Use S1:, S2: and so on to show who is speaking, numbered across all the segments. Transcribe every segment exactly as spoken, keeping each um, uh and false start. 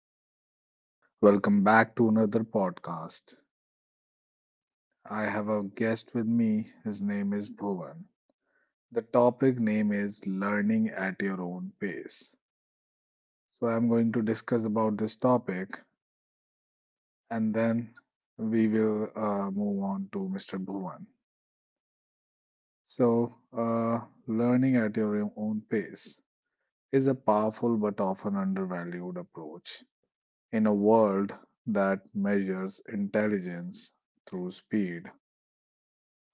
S1: Naveen. Welcome back to another podcast. I have a guest with me. His name is Bhuvan. The topic name is learning at your own pace. So I'm going to discuss about this topic and then we will uh, move on to mister Bhuvan. So, uh, Learning at your own pace is a powerful but often undervalued approach. In a world that measures intelligence through speed,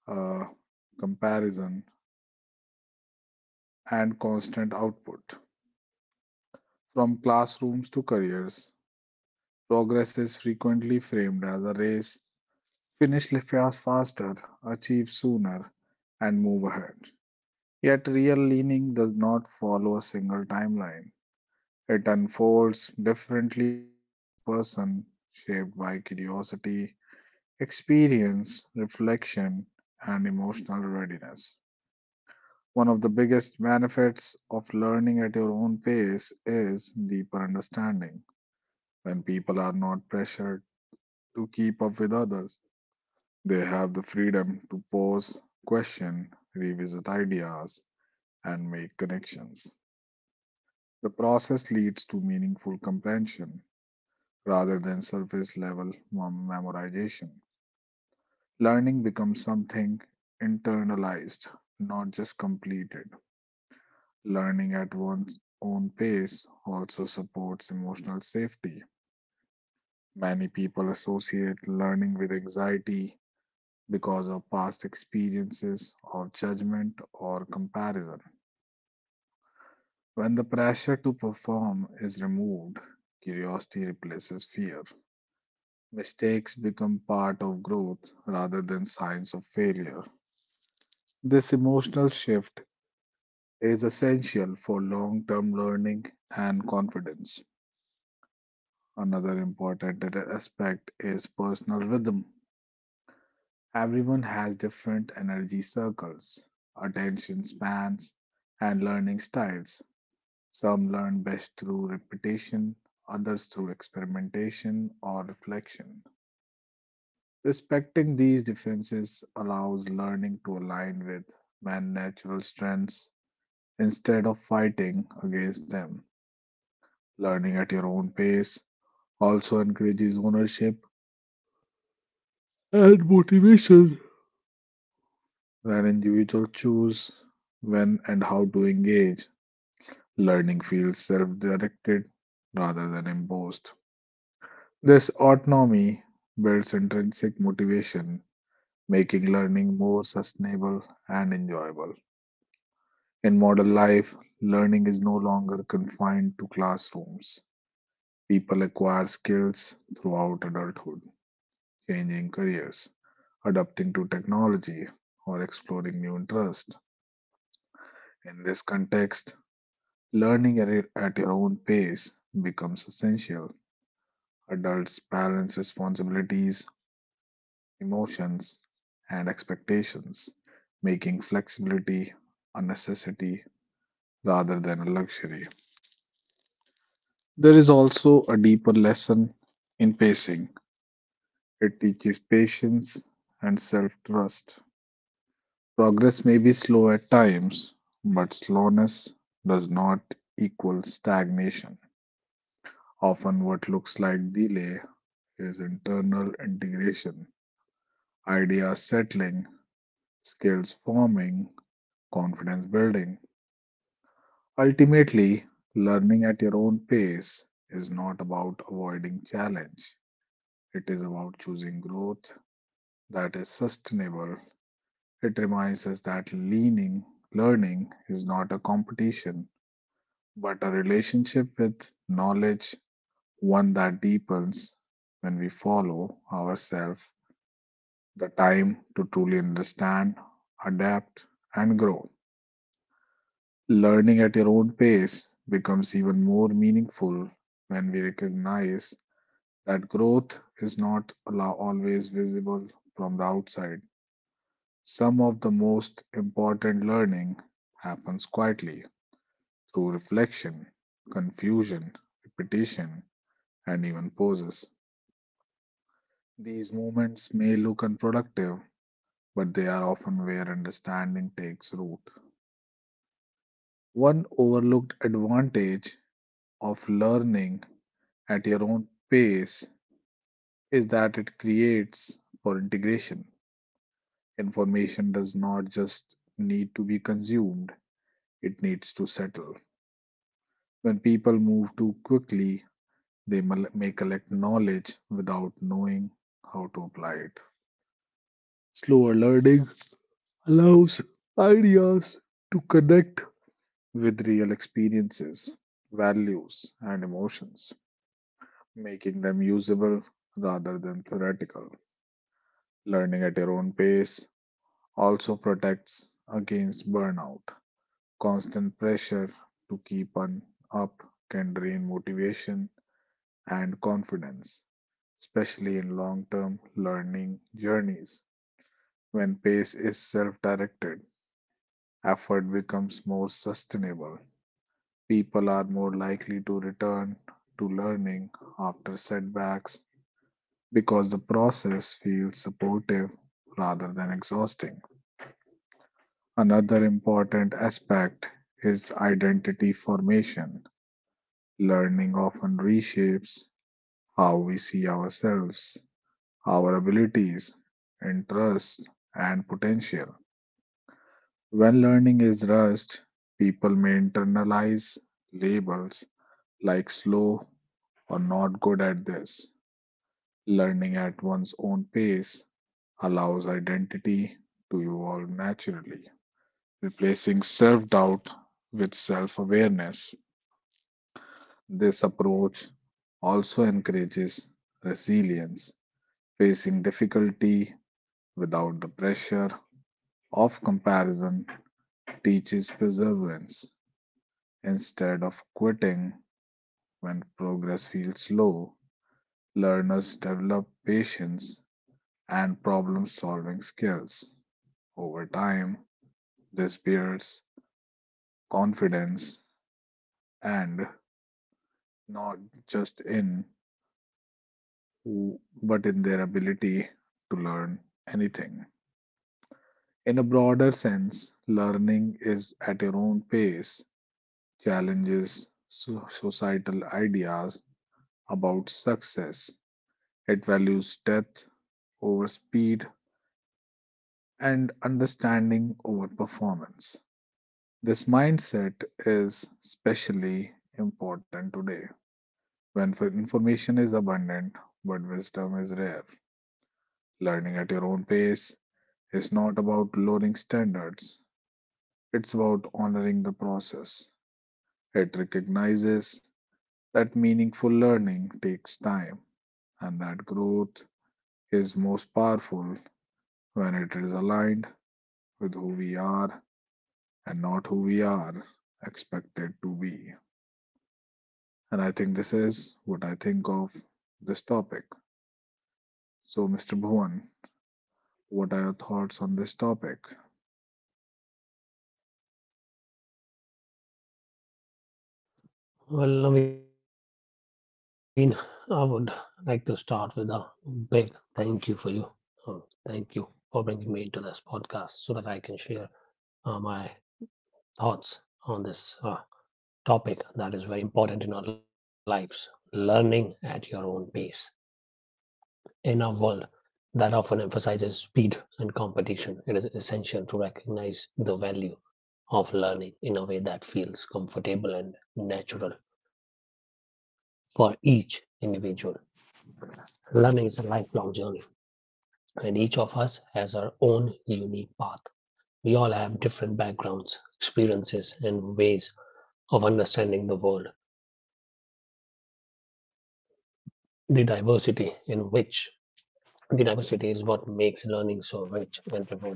S1: uh, comparison, and constant output, from classrooms to careers, progress is frequently framed as a race. Finish li- fast faster, achieve sooner, and move ahead. Yet, real leaning does not follow a single timeline. It unfolds differently for each person, shaped by curiosity, experience, reflection, and emotional readiness. One of the biggest benefits of learning at your own pace is deeper understanding. When people are not pressured to keep up with others, they have the freedom to pause, question, revisit ideas, and make connections. The process leads to meaningful comprehension rather than surface level memorization. Learning becomes something internalized, not just completed. Learning at one's own pace also supports emotional safety. Many people associate learning with anxiety because of past experiences or judgment or comparison. When the pressure to perform is removed, curiosity replaces fear. Mistakes become part of growth rather than signs of failure. This emotional shift is essential for long-term learning and confidence. Another important aspect is personal rhythm. Everyone has different energy circles, attention spans, and learning styles. Some learn best through repetition, others through experimentation or reflection. Respecting these differences allows learning to align with man's natural strengths instead of fighting against them. Learning at your own pace also encourages ownership and motivation when individuals choose when and how to engage. Learning feels self directed rather than imposed. This autonomy builds intrinsic motivation, making learning more sustainable and enjoyable. In modern life, learning is no longer confined to classrooms. People acquire skills throughout adulthood changing careers, adapting to technology, or exploring new interests. In this context, learning at your at your own pace becomes essential. Adults balance responsibilities, emotions, and expectations, making flexibility a necessity rather than a luxury. There is also a deeper lesson in pacing. It teaches patience and self trust. Progress may be slow at times, but slowness does not equal stagnation. Often, what looks like delay is internal integration, ideas settling, skills forming, confidence building. Ultimately, learning at your own pace is not about avoiding challenge, it is about choosing growth that is sustainable. It reminds us that leaning, learning is not a competition but a relationship with knowledge, one that deepens when we follow ourselves the time to truly understand, adapt, and grow. Learning at your own pace becomes even more meaningful when we recognize that growth is not allow- always visible from the outside. Some of the most important learning happens quietly through reflection, confusion, repetition, and even poses. These movements may look unproductive, but they are often where understanding takes root. One overlooked advantage of learning at your own pace is that it creates for integration. Information does not just need to be consumed, it needs to settle. When people move too quickly, they may collect knowledge without knowing how to apply it. Slower learning allows ideas to connect with real experiences, values, and emotions, making them usable rather than theoretical. Learning at your own pace also protects against burnout. Constant pressure to keep on up can drain motivation and confidence, especially in long term learning journeys. When pace is self directed, effort becomes more sustainable. People are more likely to return to learning after setbacks because the process feels supportive rather than exhausting. Another important aspect is identity formation. Learning often reshapes how we see ourselves, our abilities, interests, and potential. When learning is rushed, people may internalize labels like slow or not good at this. Learning at one's own pace allows identity to evolve naturally, replacing self doubt with self awareness. This approach also encourages resilience, facing difficulty without the pressure of comparison teaches perseverance. Instead of quitting when progress feels slow, learners develop patience and problem solving skills. Over time, this builds confidence, and not just in who, but in their ability to learn anything. In a broader sense, learning is at your own pace, challenges so- societal ideas about success. It values depth over speed and understanding over performance. This mindset is especially important today when f- information is abundant but wisdom is rare. Learning at your own pace is not about lowering standards, it's about honoring the process. It recognizes that meaningful learning takes time and that growth is most powerful when it is aligned with who we are and not who we are expected to be. And I think this is what I think of this topic. So, mister Bhuvan, what are your thoughts on this topic?
S2: Well, Naveen, I would like to start with a big thank you for you. Uh, Thank you for bringing me into this podcast so that I can share uh, my thoughts on this uh, topic that is very important in our lives, learning at your own pace. In a world that often emphasizes speed and competition, it is essential to recognize the value of learning in a way that feels comfortable and natural for each individual. Learning is a lifelong journey, and each of us has our own unique path. We all have different backgrounds, experiences, and ways of understanding the world. The diversity in which the diversity is what makes learning so rich and rewarding.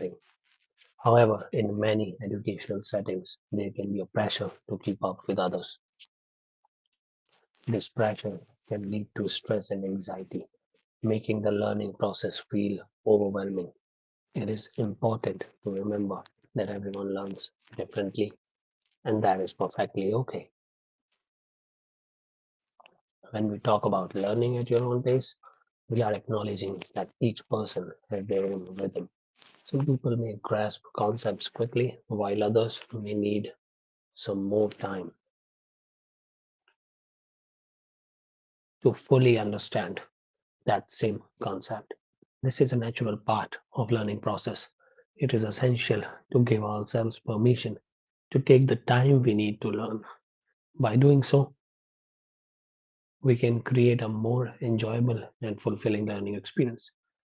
S2: However, in many educational settings, there can be a pressure to keep up with others. This pressure can lead to stress and anxiety, making the learning process feel overwhelming. It is important to remember that everyone learns differently, and that is perfectly okay. When we talk about learning at your own pace, we are acknowledging that each person has their own rhythm. Some people may grasp concepts quickly, while others may need some more time to fully understand that same concept. This is a natural part of learning process. It is essential to give ourselves permission to take the time we need to learn. By doing so, we can create a more enjoyable and fulfilling learning experience.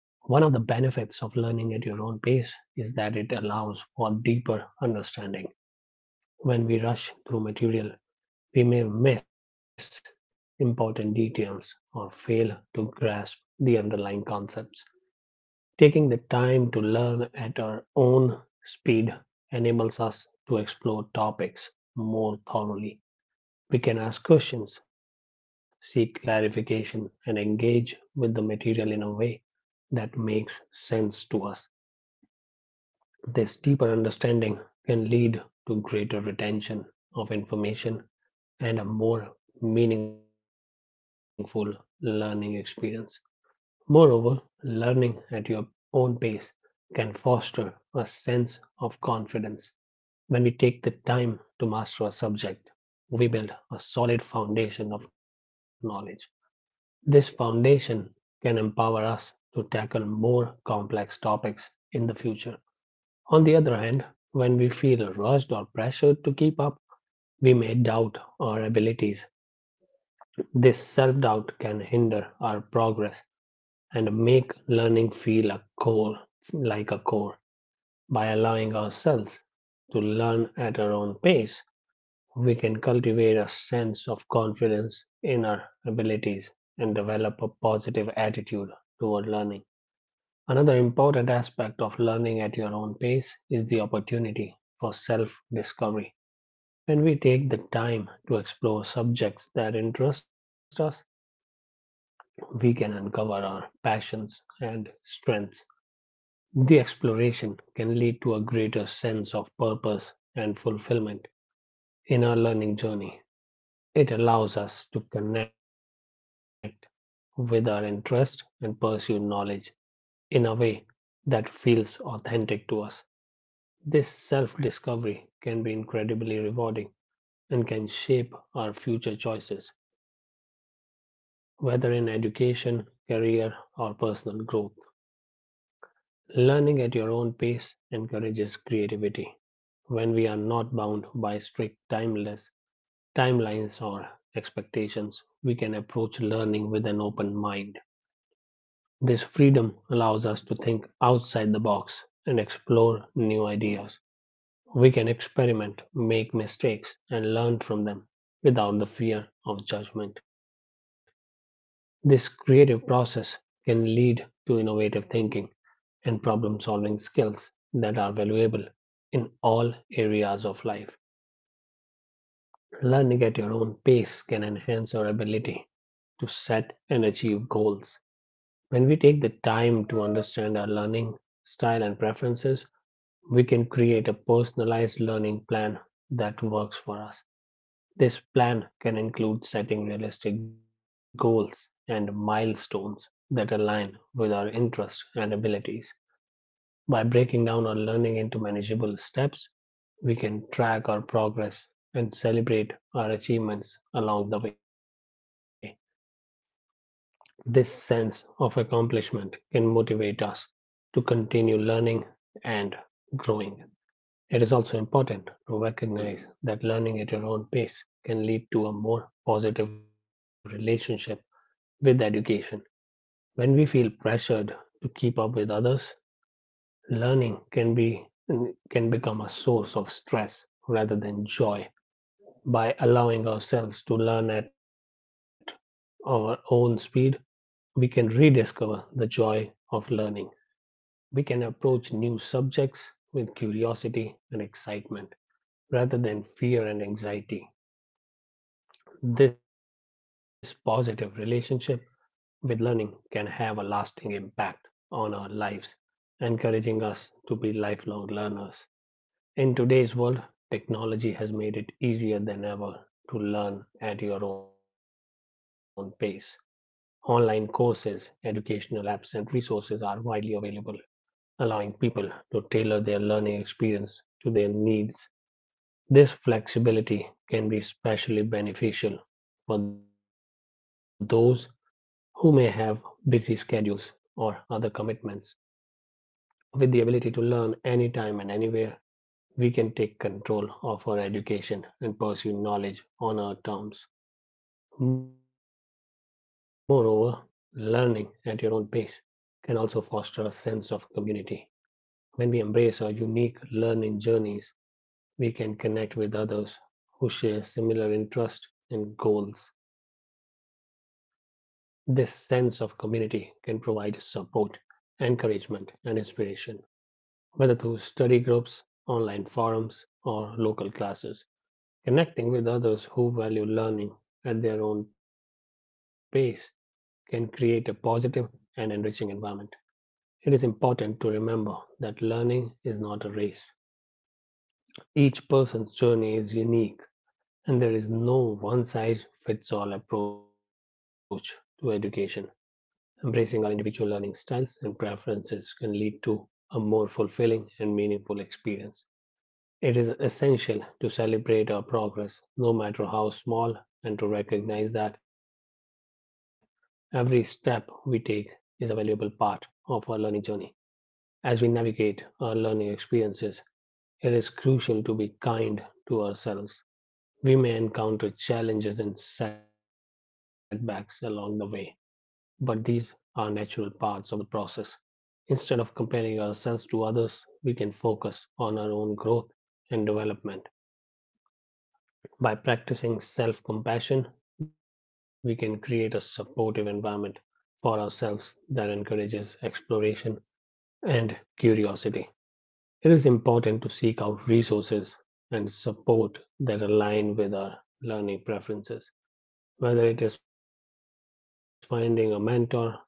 S2: One of the benefits of learning at your own pace is that it allows for deeper understanding. When we rush through material, we may miss important details or fail to grasp the underlying concepts. Taking the time to learn at our own speed enables us to explore topics more thoroughly. We can ask questions, seek clarification, and engage with the material in a way that makes sense to us. This deeper understanding can lead to greater retention of information and a more meaningful learning experience. Moreover, learning at your own pace can foster a sense of confidence. When we take the time to master a subject, we build a solid foundation of knowledge. This foundation can empower us to tackle more complex topics in the future. On the other hand, when we feel rushed or pressured to keep up, we may doubt our abilities. This self doubt can hinder our progress and make learning feel a core, like a core. By allowing ourselves to learn at our own pace, we can cultivate a sense of confidence in our abilities and develop a positive attitude toward learning. Another important aspect of learning at your own pace is the opportunity for self discovery. When we take the time to explore subjects that interest us, we can uncover our passions and strengths. The exploration can lead to a greater sense of purpose and fulfillment in our learning journey. It allows us to connect with our interest and pursue knowledge in a way that feels authentic to us. This self discovery can be incredibly rewarding and can shape our future choices, whether in education, career, or personal growth. Learning at your own pace encourages creativity when we are not bound by strict timeless timelines or expectations. We can approach learning with an open mind. This freedom allows us to think outside the box and explore new ideas. We can experiment, make mistakes, and learn from them without the fear of judgment. This creative process can lead to innovative thinking and problem solving skills that are valuable in all areas of life. Learning at your own pace can enhance your ability to set and achieve goals. When we take the time to understand our learning style and preferences, we can create a personalized learning plan that works for us. This plan can include setting realistic goals and milestones that align with our interests and abilities. By breaking down our learning into manageable steps, we can track our progress and celebrate our achievements along the way. This sense of accomplishment can motivate us to continue learning and growing. It is also important to recognize that learning at your own pace can lead to a more positive relationship with education. When we feel pressured to keep up with others, learning can be can become a source of stress rather than joy. By allowing ourselves to learn at our own speed, we can rediscover the joy of learning. We can approach new subjects with curiosity and excitement rather than fear and anxiety. This positive relationship with learning can have a lasting impact on our lives, encouraging us to be lifelong learners. In today's world, technology has made it easier than ever to learn at your own pace. Online courses, educational apps, and resources are widely available, allowing people to tailor their learning experience to their needs. This flexibility can be especially beneficial for those who may have busy schedules or other commitments. With the ability to learn anytime and anywhere, we can take control of our education and pursue knowledge on our terms. Moreover, learning at your own pace can also foster a sense of community. When we embrace our unique learning journeys, we can connect with others who share similar interests and goals. This sense of community can provide support, encouragement, and inspiration, whether through study groups, online forums, or local classes. Connecting with others who value learning at their own pace can create a positive and enriching environment. It is important to remember that learning is not a race. Each person's journey is unique, and there is no one size fits all approach to education. Embracing our individual learning styles and preferences can lead to a more fulfilling and meaningful experience. It is essential to celebrate our progress, no matter how small, and to recognize that every step we take is a valuable part of our learning journey. As we navigate our learning experiences, it is crucial to be kind to ourselves. We may encounter challenges and setbacks along the way, but these are natural parts of the process. Instead of comparing ourselves to others, we can focus on our own growth and development. By practicing self compassion, we can create a supportive environment for ourselves that encourages exploration and curiosity. It is important to seek out resources and support that align with our learning preferences. Whether it is finding a mentor, joining a study group,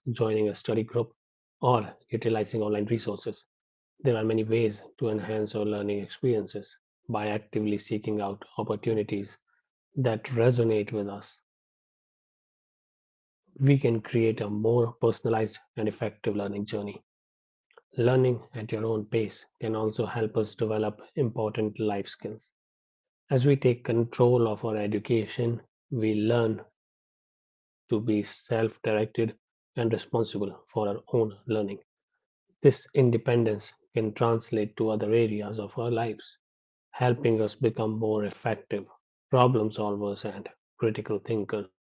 S2: or utilizing online resources, there are many ways to enhance your learning experiences. By actively seeking out opportunities that resonate with us, we can create a more personalized and effective learning journey. Learning at your own pace can also help us develop important life skills. As we take control of our education, we learn to be self directed and responsible for our own learning. This independence can translate to other areas of our lives, helping us become more effective problem solvers and critical thinkers.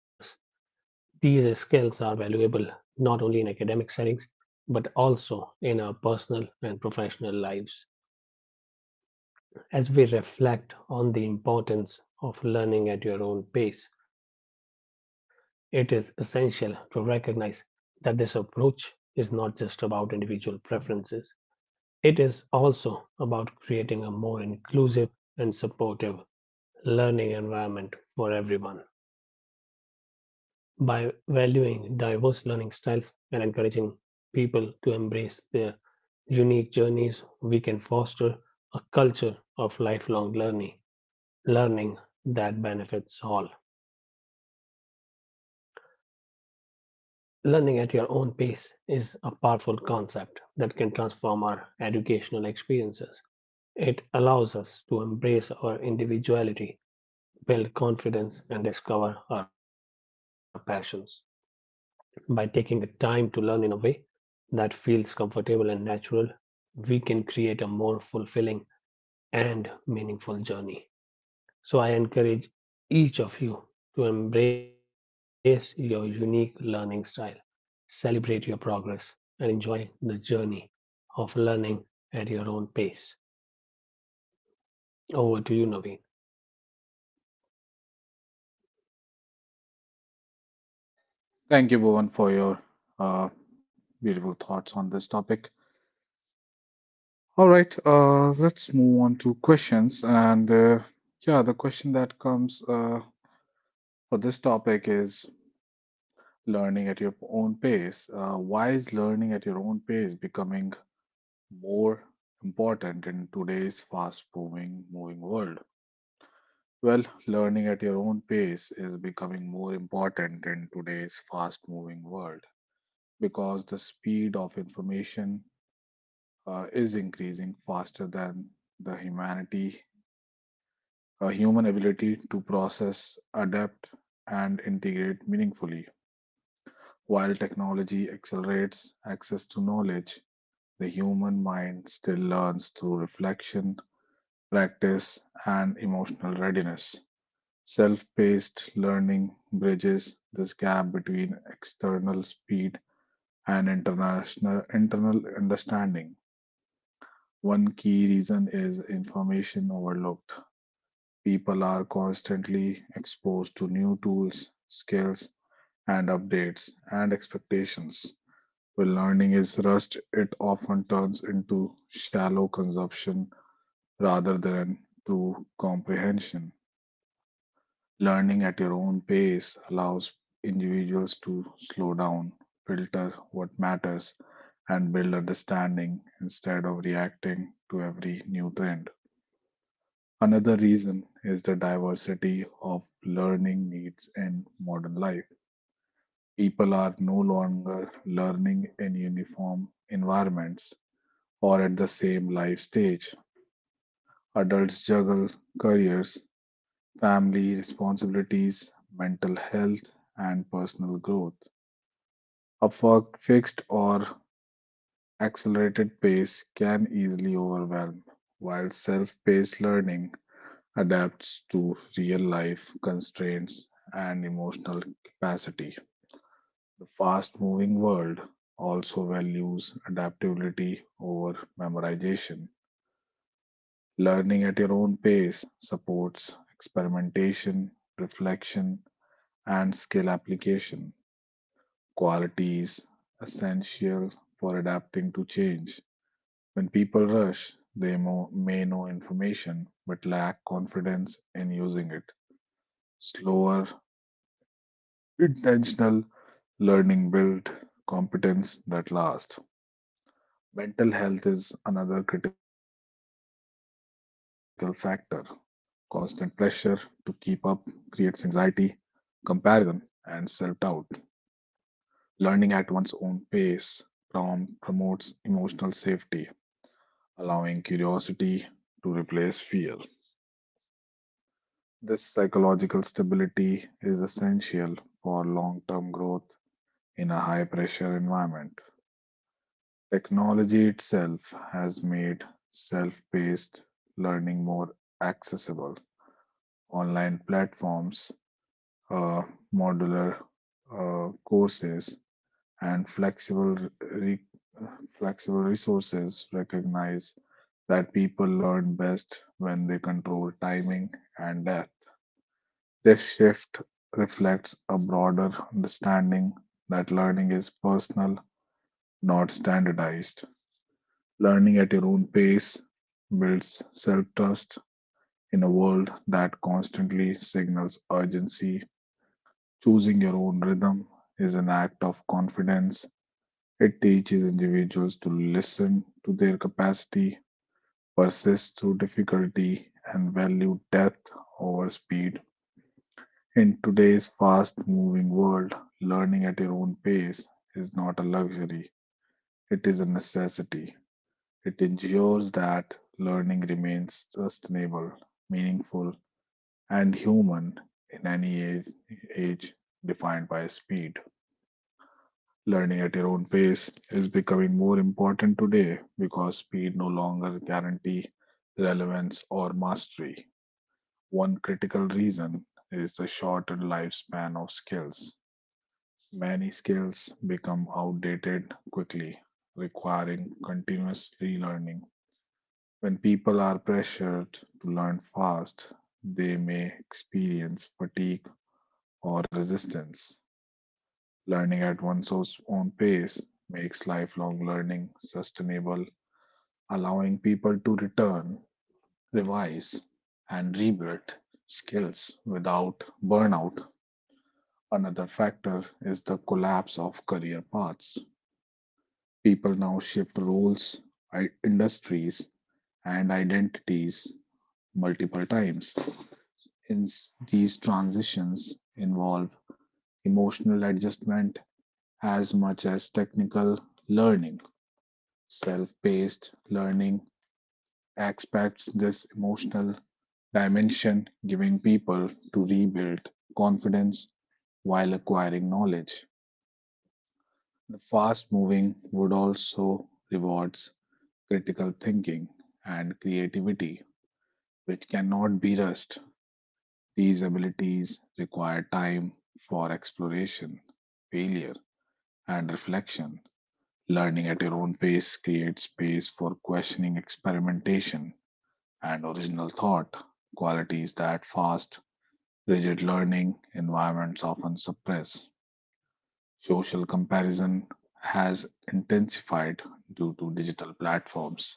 S2: These skills are valuable not only in academic settings but also in our personal and professional lives. As we reflect on the importance of learning at your own pace, it is essential to recognize that this approach is not just about individual preferences. It is also about creating a more inclusive and supportive learning environment for everyone by valuing diverse learning styles and encouraging people to embrace their unique journeys. We can foster a culture of lifelong learning, learning that benefits all. Learning at your own pace is a powerful concept that can transform our educational experiences. It allows us to embrace our individuality, build confidence, and discover our passions. By taking the time to learn in a way that feels comfortable and natural, we can create a more fulfilling and meaningful journey. So, I encourage each of you to embrace your unique learning style, celebrate your progress, and enjoy the journey of learning at your own pace. Over to you, Naveen.
S1: Thank you, Bhuvan, for your uh, beautiful thoughts on this topic. All right, uh, let's move on to questions. And uh, yeah, the question that comes uh, for this topic is learning at your own pace. Uh, why is learning at your own pace becoming more important in today's fast-moving, moving world? Well, learning at your own pace is becoming more important in today's fast-moving world because the speed of information uh, is increasing faster than the humanity, uh, human ability to process, adapt, and integrate meaningfully. While technology accelerates access to knowledge, the human mind still learns through reflection, practice, and emotional readiness. Self paced learning bridges this gap between external speed and international internal understanding. One key reason is information overload. People are constantly exposed to new tools, skills, and updates and expectations. When learning is rushed, it often turns into shallow consumption rather than true comprehension. Learning at your own pace allows individuals to slow down, filter what matters, and build understanding instead of reacting to every new trend. Another reason is the diversity of learning needs in modern life. People are no longer learning in uniform environments or at the same life stage. Adults juggle careers, family responsibilities, mental health, and personal growth. A fi- fixed or accelerated pace can easily overwhelm, while self paced learning adapts to real life constraints and emotional capacity. The fast moving world also values adaptability over memorization. Learning at your own pace supports experimentation, reflection, and skill application, qualities essential for adapting to change. When people rush, they mo- may know information but lack confidence in using it. Slower intentional learning builds competence that lasts. Mental health is another critical factor. Constant pressure to keep up creates anxiety, comparison, and self doubt. Learning at one's own pace prom- promotes emotional safety, allowing curiosity to replace fear. This psychological stability is essential for long term growth in a high pressure environment. Technology itself has made self-paced learning more accessible. Online platforms, uh, modular uh, courses, and flexible re- flexible resources recognize that people learn best when they control timing and depth. This shift reflects a broader understanding that learning is personal, not standardized. Learning at your own pace builds self trust in a world that constantly signals urgency. Choosing your own rhythm is an act of confidence. It teaches individuals to listen to their capacity, persist through difficulty, and value depth over speed. In today's fast moving world, learning at your own pace is not a luxury, it is a necessity. It ensures that learning remains sustainable, meaningful, and human in any age, age defined by speed. Learning at your own pace is becoming more important today because speed no longer guarantees relevance or mastery. One critical reason is the shortened lifespan of skills. Many skills become outdated quickly, requiring continuous relearning. When people are pressured to learn fast, they may experience fatigue or resistance. Learning at one's own pace makes lifelong learning sustainable, allowing people to return, revise, and rebuild skills without burnout. Another factor is the collapse of career paths. People now shift roles, industries, and identities multiple times in these transitions involve emotional adjustment as much as technical learning. Self paced learning expects this emotional dimension, giving people to rebuild confidence while acquiring knowledge. The fast moving would also rewards critical thinking and creativity, which cannot be rushed. These abilities require time for exploration, failure, and reflection. Learning at your own pace creates space for questioning, experimentation, and original thought, qualities that fast, rigid learning environments often suppress. Social comparison has intensified due to digital platforms.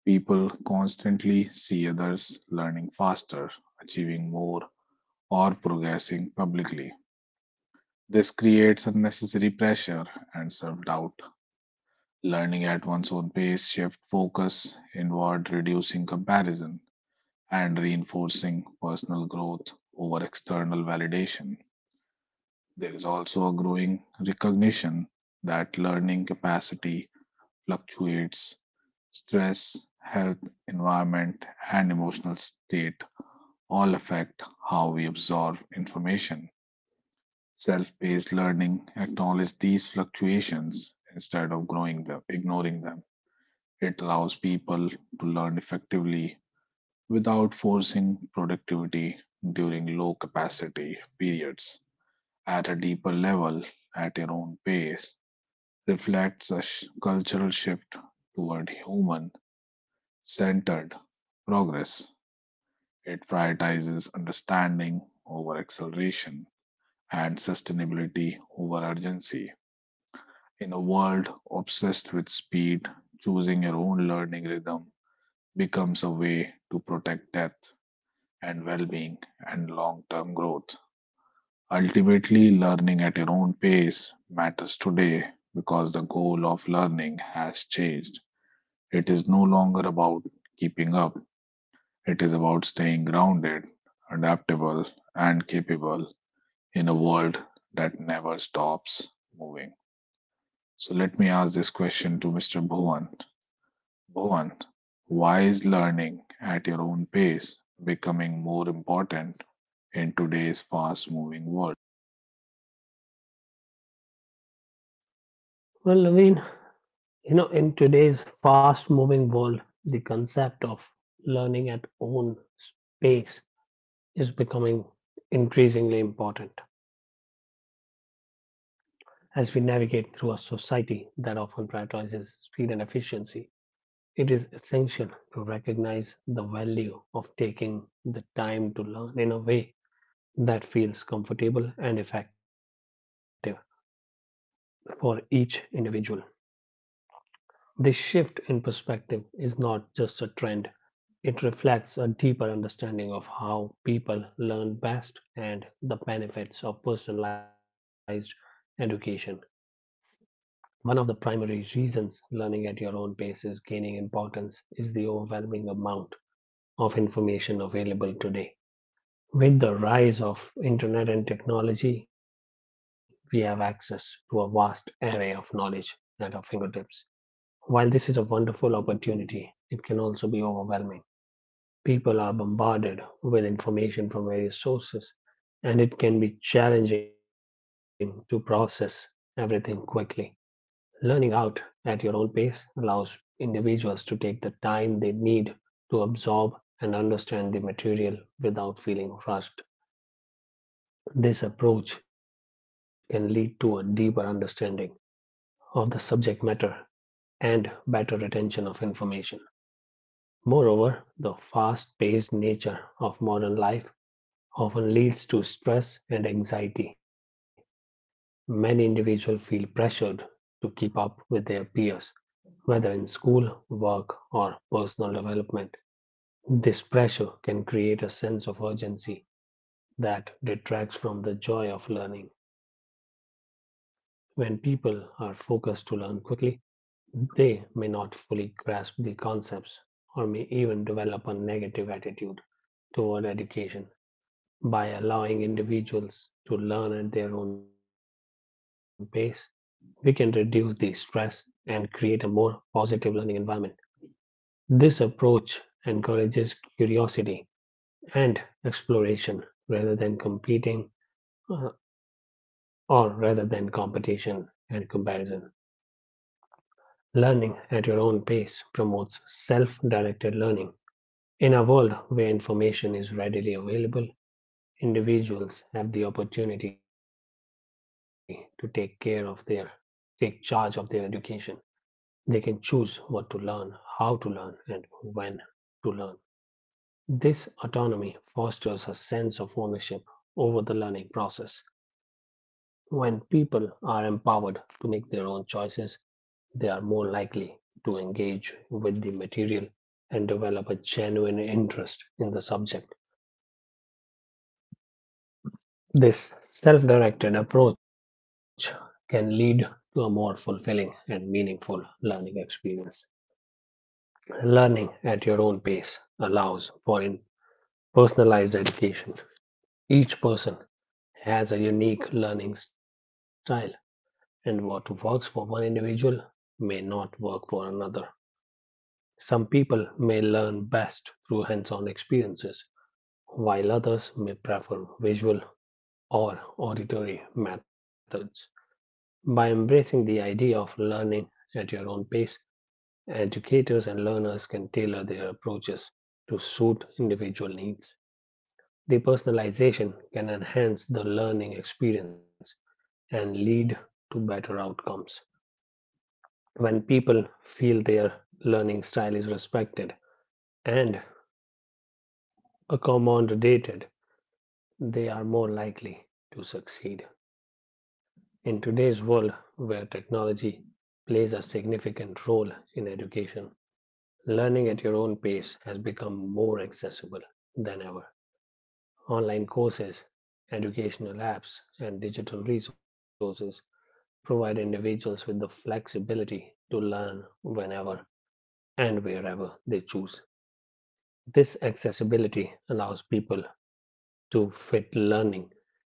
S1: People constantly see others learning faster, achieving more, or progressing publicly. This creates unnecessary pressure and self doubt. Learning at one's own pace shift focus inward, reducing comparison and reinforcing personal growth over external validation. There is also a growing recognition that learning capacity fluctuates. Stress, health, environment, and emotional state all affect how we absorb information. Self-paced learning acknowledges these fluctuations instead of growing them, ignoring them. It allows people to learn effectively without forcing productivity during low capacity periods. At a deeper level, at your own pace, reflects a sh- cultural shift toward human centered progress. It prioritizes understanding over acceleration and sustainability over urgency. In a world obsessed with speed, choosing your own learning rhythm becomes a way to protect depth and well being and long term growth. Ultimately, learning at your own pace matters today because the goal of learning has changed. It is no longer about keeping up, it is about staying grounded, adaptable, and capable in a world that never stops moving. So, let me ask this question to mister Bhuvan. Bhuvan, why is learning at your own pace becoming more important in today's fast moving world?
S2: Well, Naveen, you know, in today's fast moving world, the concept of learning at own pace is becoming increasingly important. As we navigate through a society that often prioritizes speed and efficiency, it is essential to recognize the value of taking the time to learn in a way that feels comfortable and effective for each individual. This shift in perspective is not just a trend, it reflects a deeper understanding of how people learn best and the benefits of personalized education. One of the primary reasons learning at your own pace is gaining importance is the overwhelming amount of information available today. With the rise of internet and technology, we have access to a vast array of knowledge at our fingertips. While this is a wonderful opportunity, it can also be overwhelming. People are bombarded with information from various sources, and it can be challenging to process everything quickly. Learning out at your own pace allows individuals to take the time they need to absorb and understand the material without feeling rushed. This approach can lead to a deeper understanding of the subject matter and better retention of information. Moreover, the fast paced nature of modern life often leads to stress and anxiety. Many individuals feel pressured to keep up with their peers, whether in school, work, or personal development. This pressure can create a sense of urgency that detracts from the joy of learning. When people are focused to learn quickly, they may not fully grasp the concepts or may even develop a negative attitude toward education. By allowing individuals to learn at their own pace, we can reduce the stress and create a more positive learning environment. This approach encourages curiosity and exploration rather than competing uh, or rather than competition and comparison. Learning at your own pace promotes self directed learning. In a world where information is readily available, individuals have the opportunity to take care of their take charge of their education. They can choose what to learn, how to learn, and when to learn. This autonomy fosters a sense of ownership over the learning process. When people are empowered to make their own choices, they are more likely to engage with the material and develop a genuine interest in the subject. This self directed approach can lead to a more fulfilling and meaningful learning experience. Learning at your own pace allows for personalized education. Each person has a unique learning style, and what works for one individual may not work for another. Some people may learn best through hands on experiences, while others may prefer visual or auditory methods. By embracing the idea of learning at your own pace, educators and learners can tailor their approaches to suit individual needs. The personalization can enhance the learning experience and lead to better outcomes. When people feel their learning style is respected and accommodated, they are more likely to succeed. In today's world where technology plays a significant role in education, learning at your own pace has become more accessible than ever. Online courses, educational apps, and digital resources provide individuals with the flexibility to learn whenever and wherever they choose. This accessibility allows people to fit learning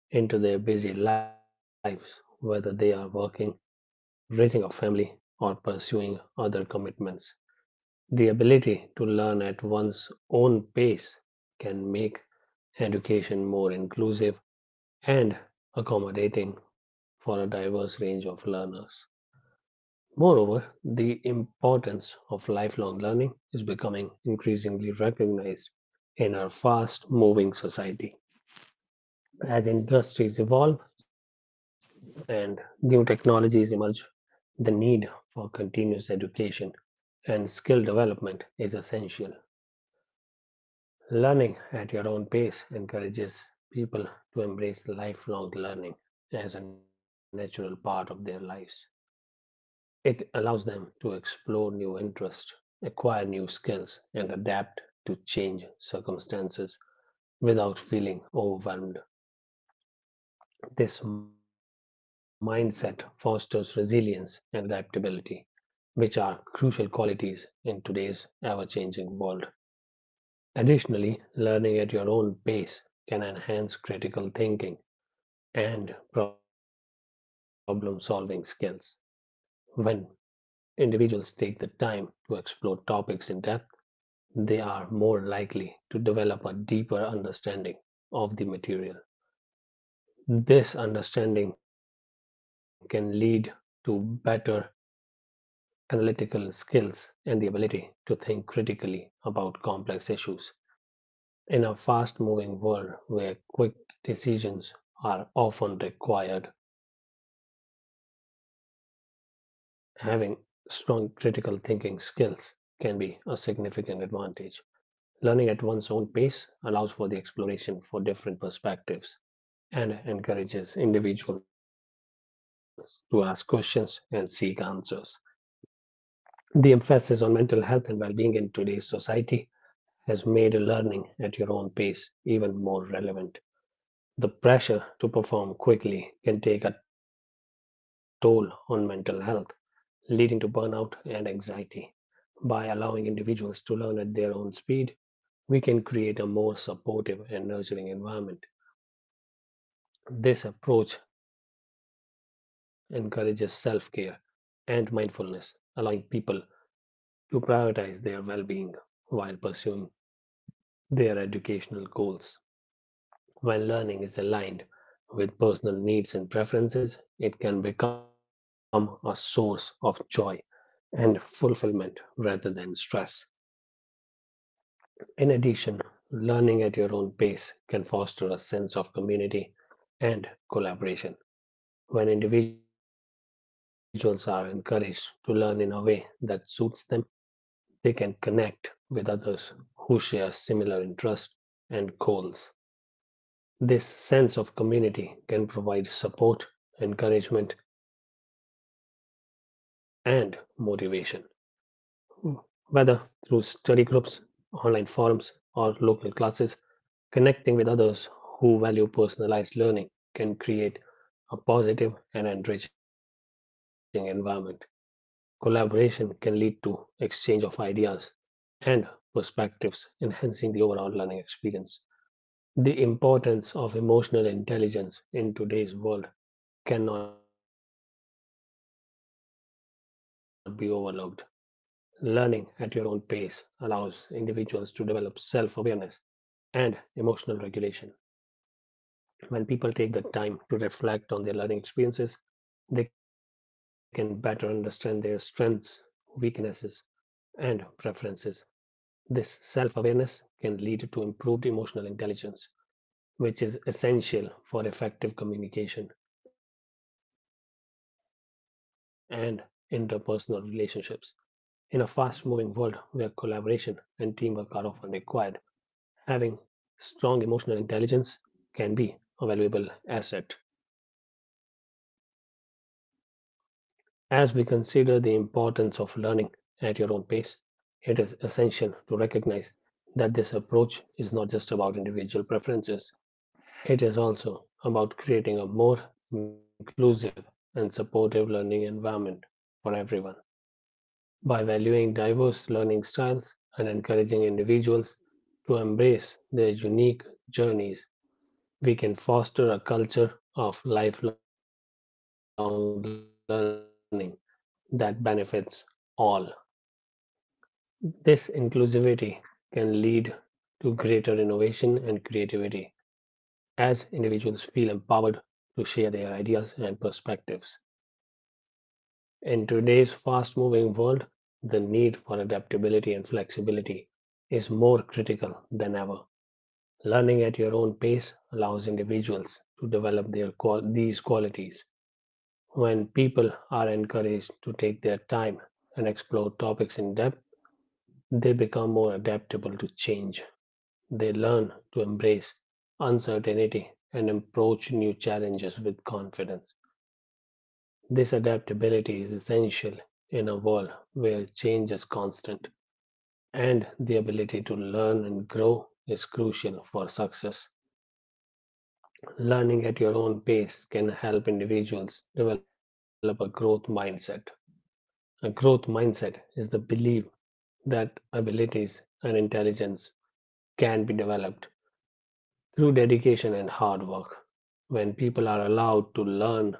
S2: into their busy lives, whether they are working, raising a family, or pursuing other commitments. The ability to learn at one's own pace can make education more inclusive and accommodating for a diverse range of learners. Moreover, the importance of lifelong learning is becoming increasingly recognized in our fast moving society. As industries evolve and new technologies emerge, the need for continuous education and skill development is essential. Learning at your own pace encourages people to embrace lifelong learning as a natural part of their lives. It allows them to explore new interests, acquire new skills, and adapt to change circumstances without feeling overwhelmed. This mindset fosters resilience and adaptability, which are crucial qualities in today's ever changing world. Additionally, learning at your own pace can enhance critical thinking and problem solving skills. When individuals take the time to explore topics in depth, they are more likely to develop a deeper understanding of the material. This understanding can lead to better analytical skills and the ability to think critically about complex issues. In a fast moving world where quick decisions are often required, having strong critical thinking skills can be a significant advantage. Learning at one's own pace allows for the exploration for different perspectives and encourages individuals to ask questions and seek answers. The emphasis on mental health and well being in today's society has made learning at your own pace even more relevant. The pressure to perform quickly can take a toll on mental health, leading to burnout and anxiety. By allowing individuals to learn at their own speed, we can create a more supportive and nurturing environment. This approach encourages self care and mindfulness, allowing people to prioritize their well being while pursuing their educational goals. When learning is aligned with personal needs and preferences, it can become a source of joy and fulfillment rather than stress. In addition, learning at your own pace can foster a sense of community and collaboration. When individuals are encouraged to learn in a way that suits them, they can connect with others who share similar interests and goals. This sense of community can provide support, encouragement, and motivation, Mm. whether through study groups, online forums, or local classes. Connecting with others who value personalized learning can create a positive and enriching environment. Collaboration can lead to exchange of ideas and perspectives, enhancing the overall learning experience. The importance of emotional intelligence in today's world cannot be overlooked. Learning at your own pace allows individuals to develop self awareness and emotional regulation. When people take the time to reflect on their learning experiences, they can better understand their strengths, weaknesses, and preferences. This self awareness can lead to improved emotional intelligence, which is essential for effective communication and interpersonal relationships. In a fast moving world where collaboration and teamwork are often required, having strong emotional intelligence can be a valuable asset. As we consider the importance of learning at your own pace, it is essential to recognize that this approach is not just about individual preferences, it is also about creating a more inclusive and supportive learning environment for everyone. By valuing diverse learning styles and encouraging individuals to embrace their unique journeys, we can foster a culture of lifelong learning that benefits all. This inclusivity can lead to greater innovation and creativity as individuals feel empowered to share their ideas and perspectives. In today's fast moving world, the need for adaptability and flexibility is more critical than ever. Learning at your own pace allows individuals to develop their qual- these qualities. When people are encouraged to take their time and explore topics in depth, they become more adaptable to change. They learn to embrace uncertainty and approach new challenges with confidence. This adaptability is essential in a world where change is constant, and the ability to learn and grow is crucial for success. Learning at your own pace can help individuals develop a growth mindset. A growth mindset is the belief that abilities and intelligence can be developed through dedication and hard work. When people are allowed to learn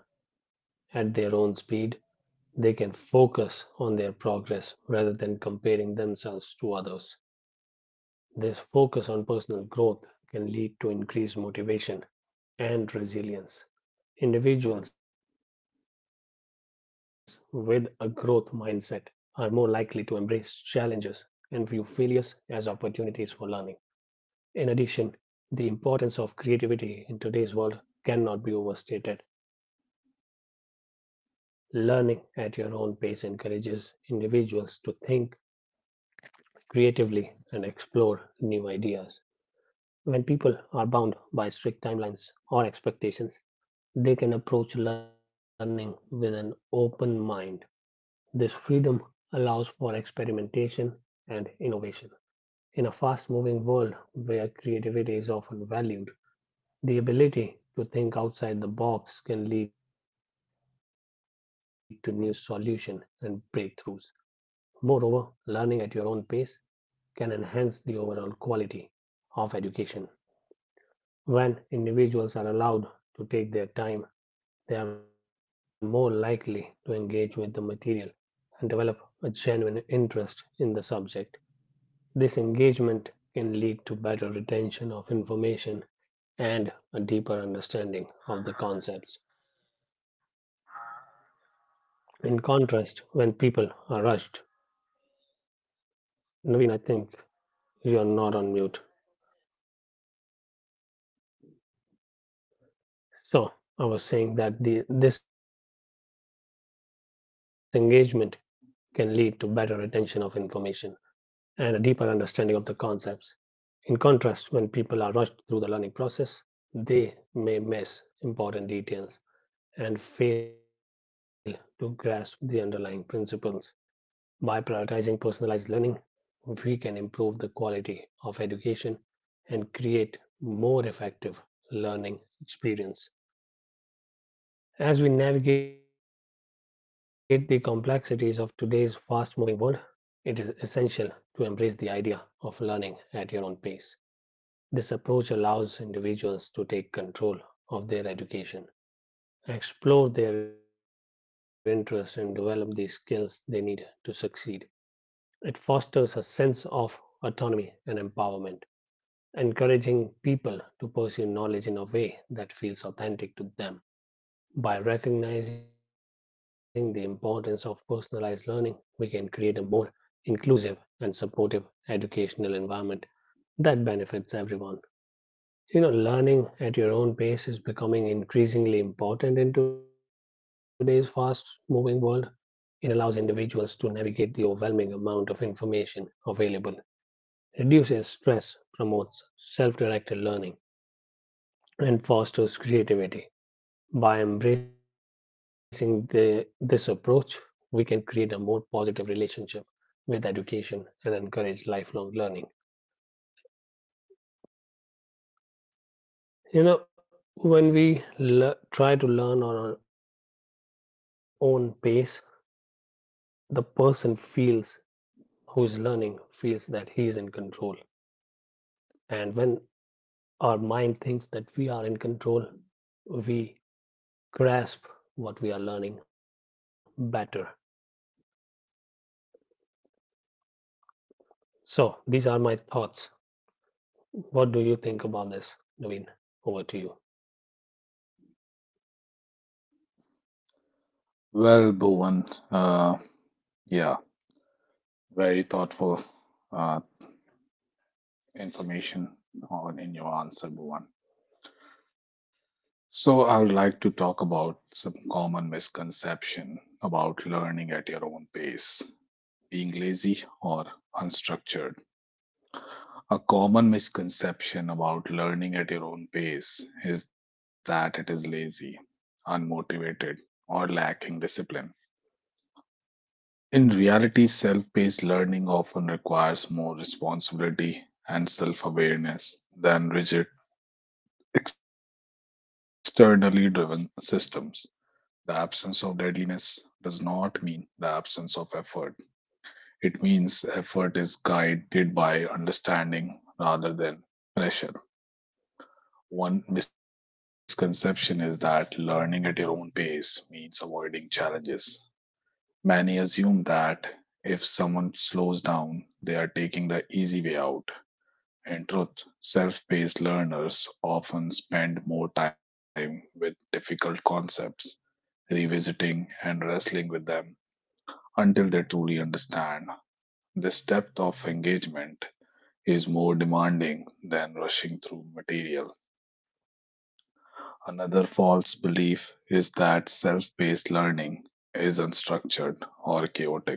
S2: at their own speed, they can focus on their progress rather than comparing themselves to others. This focus on personal growth can lead to increased motivation and resilience. Individuals with a growth mindset are more likely to embrace challenges and view failures as opportunities for learning. In addition, the importance of creativity in today's world cannot be overstated. Learning at your own pace encourages individuals to think creatively and explore new ideas. When people are bound by strict timelines or expectations, they can approach learning with an open mind. This freedom allows for experimentation and innovation. In a fast moving world where creativity is often valued, the ability to think outside the box can lead to new solutions and breakthroughs. Moreover, learning at your own pace can enhance the overall quality of education. When individuals are allowed to take their time, they are more likely to engage with the material and develop a genuine interest in the subject. This engagement can lead to better retention of information and a deeper understanding of the concepts. In contrast, when people are rushed, Naveen, I think you're not on mute. So, I was saying that the, this engagement can lead to better retention of information and a deeper understanding of the concepts. In contrast, when people are rushed through the learning process, they may miss important details and fail to grasp the underlying principles. By prioritizing personalized learning, we can improve the quality of education and create more effective learning experience. As we navigate the complexities of today's fast moving world, it is essential to embrace the idea of learning at your own pace. This approach allows individuals to take control of their education, explore their interests, and develop the skills they need to succeed. It fosters a sense of autonomy and empowerment, encouraging people to pursue knowledge in a way that feels authentic to them. By recognizing the importance of personalized learning, we can create a more inclusive and supportive educational environment that benefits everyone. You know, learning at your own pace is becoming increasingly important in today's fast moving world. It allows individuals to navigate the overwhelming amount of information available, reduces stress, promotes self directed learning, and fosters creativity. By embracing the, this approach, we can create a more positive relationship with education and encourage lifelong learning. You know, when we le- try to learn on our own pace, the person feels who is learning feels that he is in control. And when our mind thinks that we are in control, we grasp what we are learning better. So these are my thoughts. What do you think about this, Naveen? Over to you.
S1: Well, Bhuvan, uh, yeah, very thoughtful uh, information on in your answer, Bhuvan. So I would like to talk about some common misconception about learning at your own pace, being lazy or unstructured. A common misconception about learning at your own pace is that it is lazy, unmotivated, or lacking discipline. In reality, self paced learning often requires more responsibility and self awareness than rigid, externally driven systems. The absence of deadliness does not mean the absence of effort, it means effort is guided by understanding rather than pressure. One misconception is that learning at your own pace means avoiding challenges. Many assume that if someone slows down, they are taking the easy way out. In truth, self paced learners often spend more time with difficult concepts, revisiting and wrestling with them until they truly understand. This depth of engagement is more demanding than rushing through material. Another false belief is that self paced learning is unstructured or chaotic.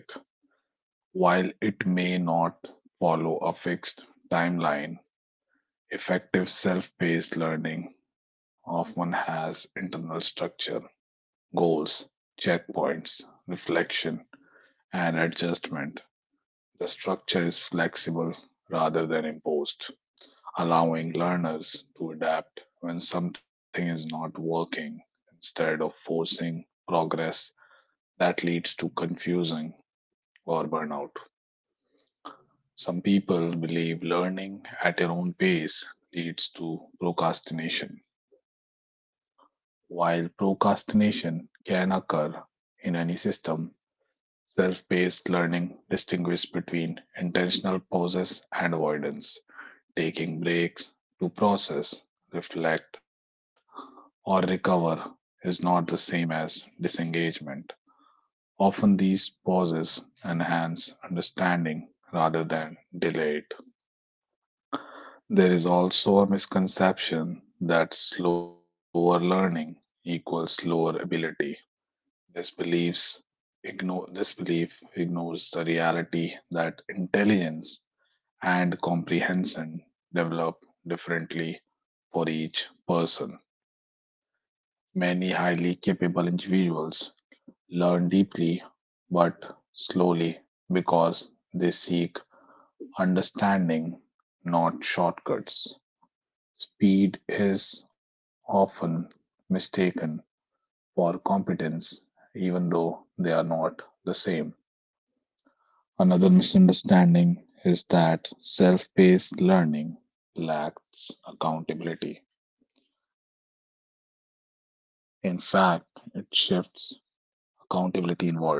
S1: While it may not follow a fixed timeline, effective self paced learning often has internal structure, goals, checkpoints, reflection, and adjustment. The structure is flexible rather than imposed, allowing learners to adapt when something is not working instead of forcing progress that leads to confusion or burnout. Some people believe learning at your own pace leads to procrastination. While procrastination can occur in any system, self paced learning distinguishes between intentional pauses and avoidance. Taking breaks to process, reflect, or recover is not the same as disengagement. Often, these pauses enhance understanding rather than delay it. There is also a misconception that slower learning equals lower ability. This beliefs ignore this belief ignores the reality that intelligence and comprehension develop differently for each person. Many highly capable individuals learn deeply but slowly because they seek understanding, not shortcuts. Speed is often mistaken for competence, even though they are not the same. Another misunderstanding is that self paced learning lacks accountability. In fact, it shifts accountability inward.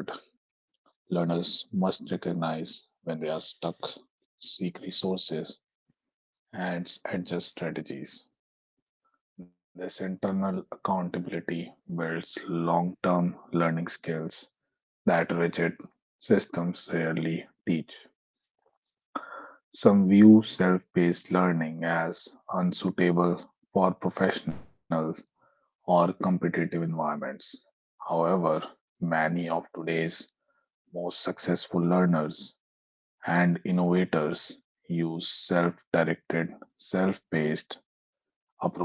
S1: Learners must recognize when they are stuck, seek resources, and adjust strategies. This internal accountability builds long term learning skills that systems rarely teach. Some view self paced learning as unsuitable for professional or competitive environments. However, many of today's most successful learners and innovators use self directed, self paced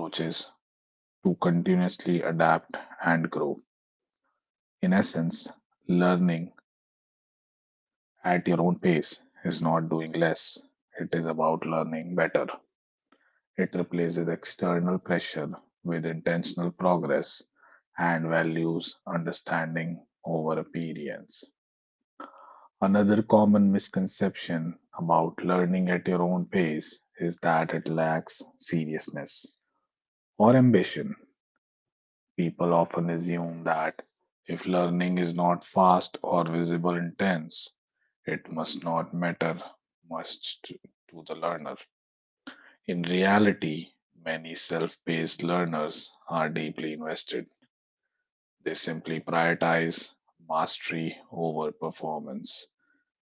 S1: approaches to continuously adapt and grow. In essence, learning at your own pace is not doing less, it is about learning better. It replaces external pressure with intentional progress and values understanding over appearance. Another common misconception about learning at your own pace is that it lacks seriousness or ambition. People often assume that if learning is not fast or visible intense, it must not matter much to, to the learner. In reality, many self paced learners are deeply invested. They simply prioritize mastery over performance.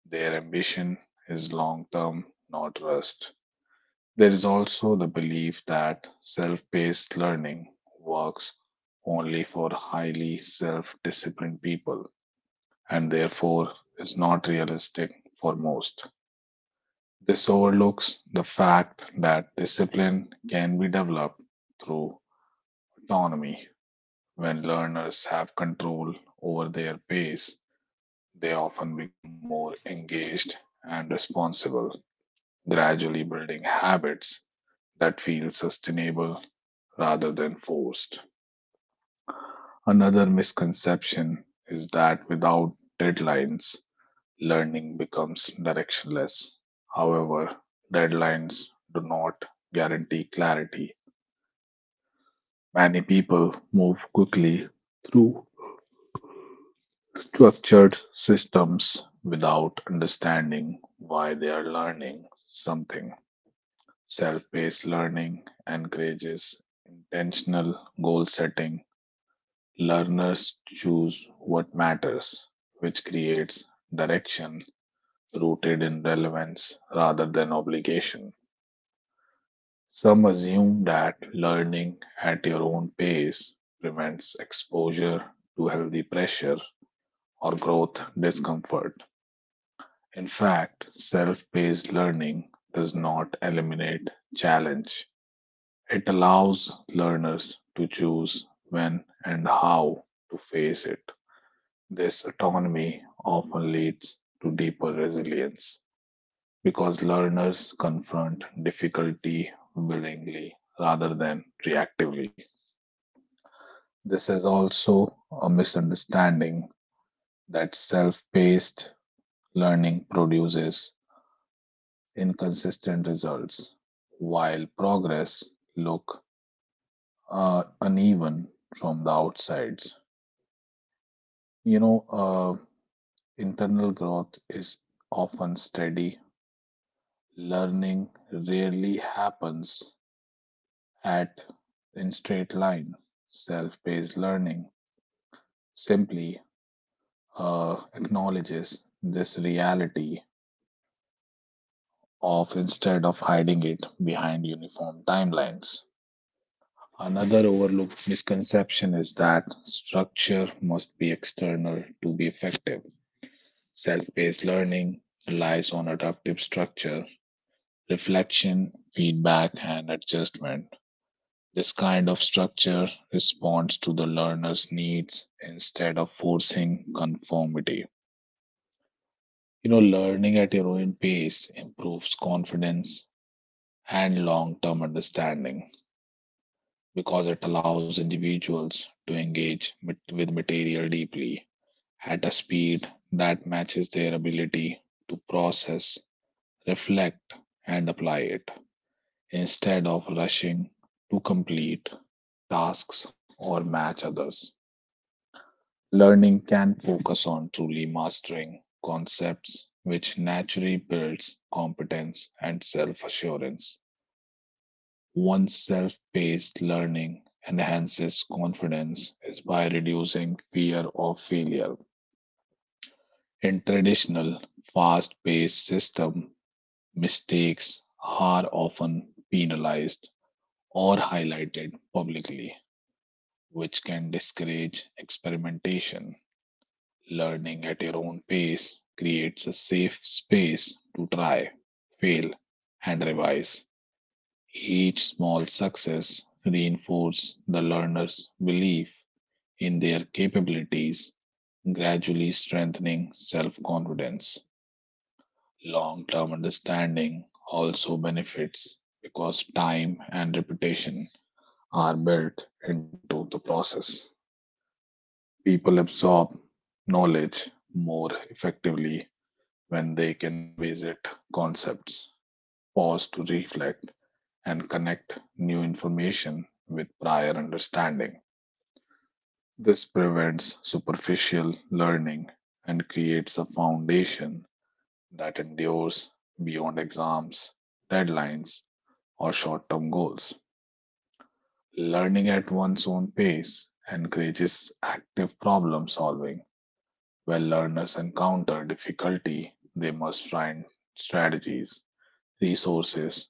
S1: Their ambition is long term, not rust. There is also the belief that self paced learning works only for highly self disciplined people and therefore is not realistic for most. This overlooks the fact that discipline can be developed through autonomy. When learners have control over their pace, they often become more engaged and responsible, gradually building habits that feel sustainable rather than forced. Another misconception is that without deadlines, learning becomes directionless. However, deadlines do not guarantee clarity. Many people move quickly through structured systems without understanding why they are learning something. Self paced learning encourages intentional goal setting. Learners choose what matters, which creates direction rooted in relevance rather than obligation. Some assume that learning at your own pace prevents exposure to healthy pressure or growth discomfort. In fact, self paced learning does not eliminate challenge, it allows learners to choose when and how to face it. This autonomy often leads to deeper resilience because learners confront difficulty willingly rather than reactively. This is also a misunderstanding that self paced learning produces inconsistent results, while progress look uh, uneven from the outsides. You know, uh, internal growth is often steady. Learning rarely happens at in straight line. Self-paced learning simply uh, acknowledges this reality of instead of hiding it behind uniform timelines. Another overlooked misconception is that structure must be external to be effective. Self paced learning relies on adaptive structure, reflection, feedback, and adjustment. This kind of structure responds to the learner's needs instead of forcing conformity. You know, learning at your own pace improves confidence and long term understanding because it allows individuals to engage mit- with material deeply at a speed that matches their ability to process, reflect, and apply it instead of rushing to complete tasks or match others. Learning can focus on truly mastering concepts, which naturally builds competence and self assurance. One's self paced learning enhances confidence is by reducing fear of failure. In traditional, fast paced system, mistakes are often penalized or highlighted publicly, which can discourage experimentation. Learning at your own pace creates a safe space to try, fail, and revise. Each small success reinforces the learner's belief in their capabilities, gradually strengthening self confidence. Long term understanding also benefits because time and repetition are built into the process. People absorb knowledge more effectively when they can revisit concepts, pause to reflect, and connect new information with prior understanding. This prevents superficial learning and creates a foundation that endures beyond exams, deadlines, or short term goals. Learning at one's own pace encourages active problem solving. When learners encounter difficulty, they must find strategies, resources,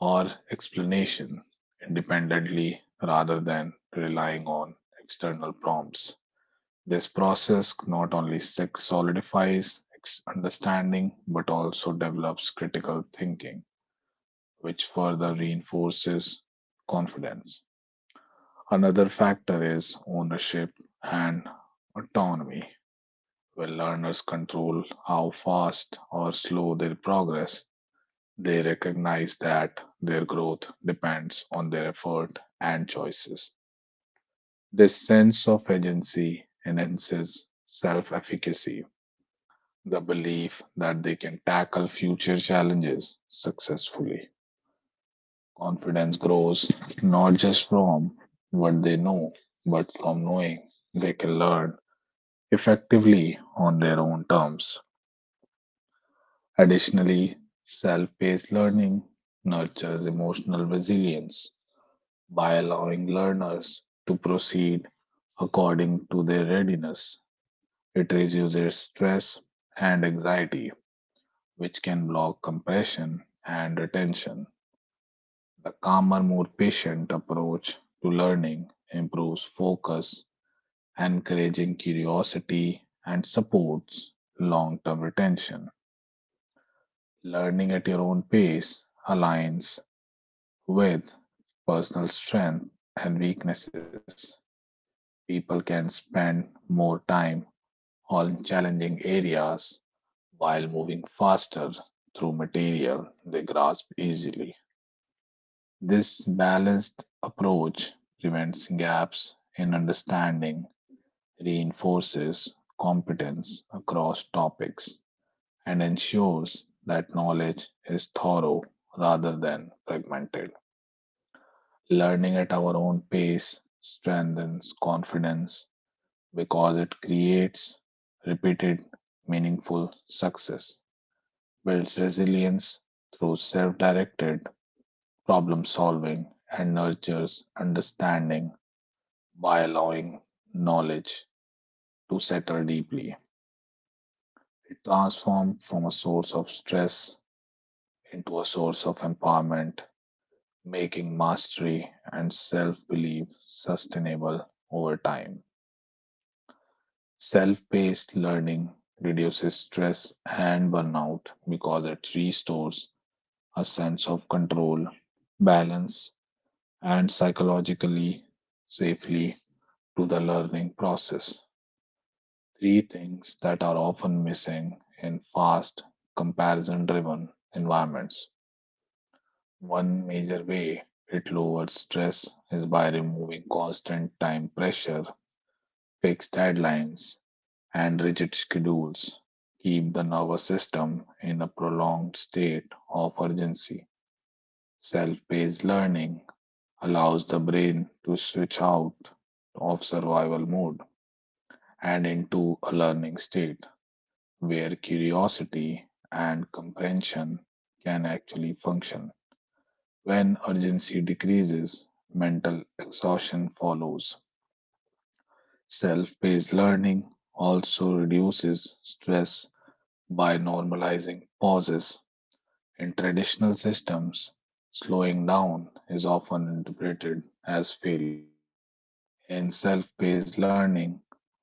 S1: or explanation independently rather than relying on external prompts. This process not only solidifies understanding but also develops critical thinking, which further reinforces confidence. Another factor is ownership and autonomy, where learners control how fast or slow their progress. They recognize that their growth depends on their effort and choices. This sense of agency enhances self efficacy, the belief that they can tackle future challenges successfully. Confidence grows not just from what they know, but from knowing they can learn effectively on their own terms. Additionally, self paced learning nurtures emotional resilience by allowing learners to proceed according to their readiness. It reduces stress and anxiety, which can block compression and attention. The calmer, more patient approach to learning improves focus, encouraging curiosity, and supports long term retention. Learning at your own pace aligns with personal strengths and weaknesses. People can spend more time on challenging areas while moving faster through material they grasp easily. This balanced approach prevents gaps in understanding, reinforces competence across topics, and ensures that knowledge is thorough rather than fragmented. Learning at our own pace strengthens confidence because it creates repeated, meaningful success, builds resilience through self directed problem solving, and nurtures understanding by allowing knowledge to settle deeply. It transforms from a source of stress into a source of empowerment, making mastery and self belief sustainable over time. Self paced learning reduces stress and burnout because it restores a sense of control, balance, and psychologically safely to the learning process. Three things that are often missing in fast, comparison driven environments. One major way it lowers stress is by removing constant time pressure, fixed deadlines, and rigid schedules keep the nervous system in a prolonged state of urgency. Self paced learning allows the brain to switch out of survival mode and into a learning state where curiosity and comprehension can actually function. When urgency decreases, mental exhaustion follows. Self paced learning also reduces stress by normalizing pauses in traditional systems, slowing down is often interpreted as failure. In self paced learning,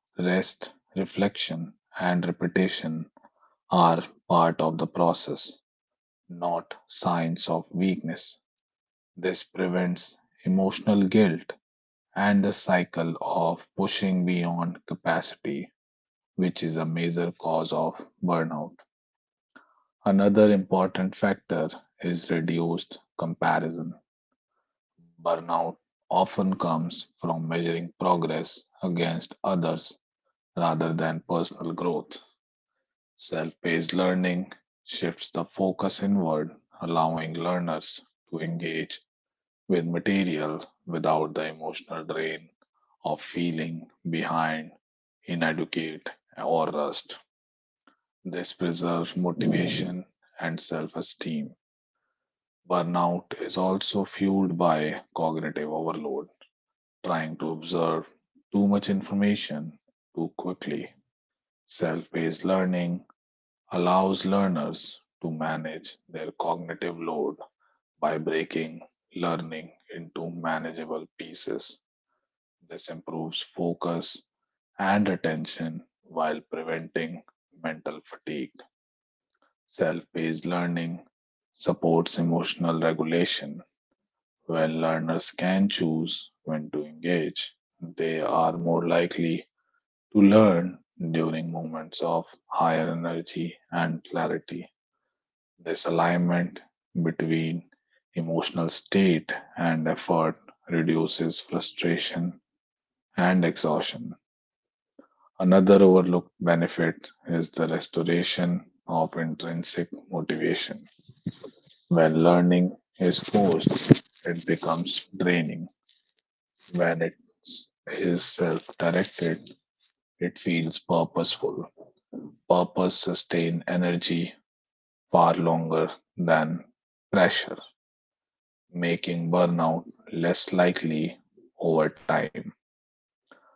S1: rest, reflection, and repetition are part of the process, not signs of weakness. This prevents emotional guilt and the cycle of pushing beyond capacity, which is a major cause of burnout. Another important factor is reduced comparison. Burnout often comes from measuring progress against others rather than personal growth. Self paced learning shifts the focus inward, allowing learners to engage with material without the emotional drain of feeling behind, inadequate, or rust. This preserves motivation and self esteem. Burnout is also fueled by cognitive overload, trying to observe too much information too quickly. Self paced learning allows learners to manage their cognitive load by breaking learning into manageable pieces. This improves focus and attention while preventing mental fatigue. Self paced learning supports emotional regulation. When learners can choose when to engage, they are more likely to learn during moments of higher energy and clarity. This alignment between emotional state and effort reduces frustration and exhaustion. Another overlooked benefit is the restoration of intrinsic motivation. When learning is forced, it becomes draining. When it is self directed, it feels purposeful. Purpose sustains energy far longer than pressure, making burnout less likely over time.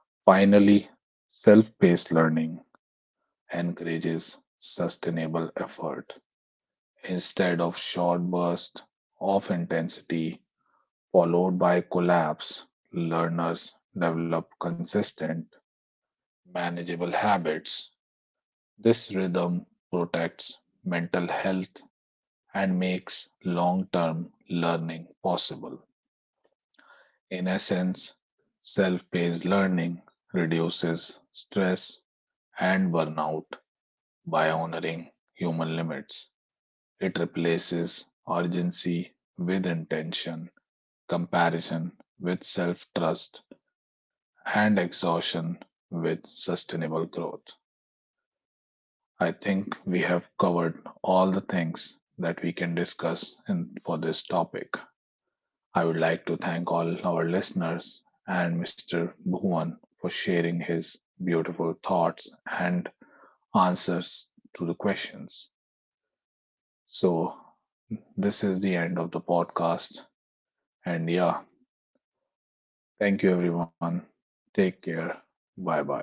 S1: Finally, self paced learning encourages sustainable effort instead of short bursts of intensity followed by collapse. Learners develop consistent, manageable habits. This rhythm protects mental health and makes long term learning possible. In essence, self paced learning reduces stress and burnout by honoring human limits. It replaces urgency with intention, comparison with self trust, and exhaustion with sustainable growth. I think we have covered all the things that we can discuss in, for this topic. I would like to thank all our listeners and mister Bhuvan for sharing his beautiful thoughts and answers to the questions. So, this is the end of the podcast. And yeah, thank you everyone. Take care. Bye bye.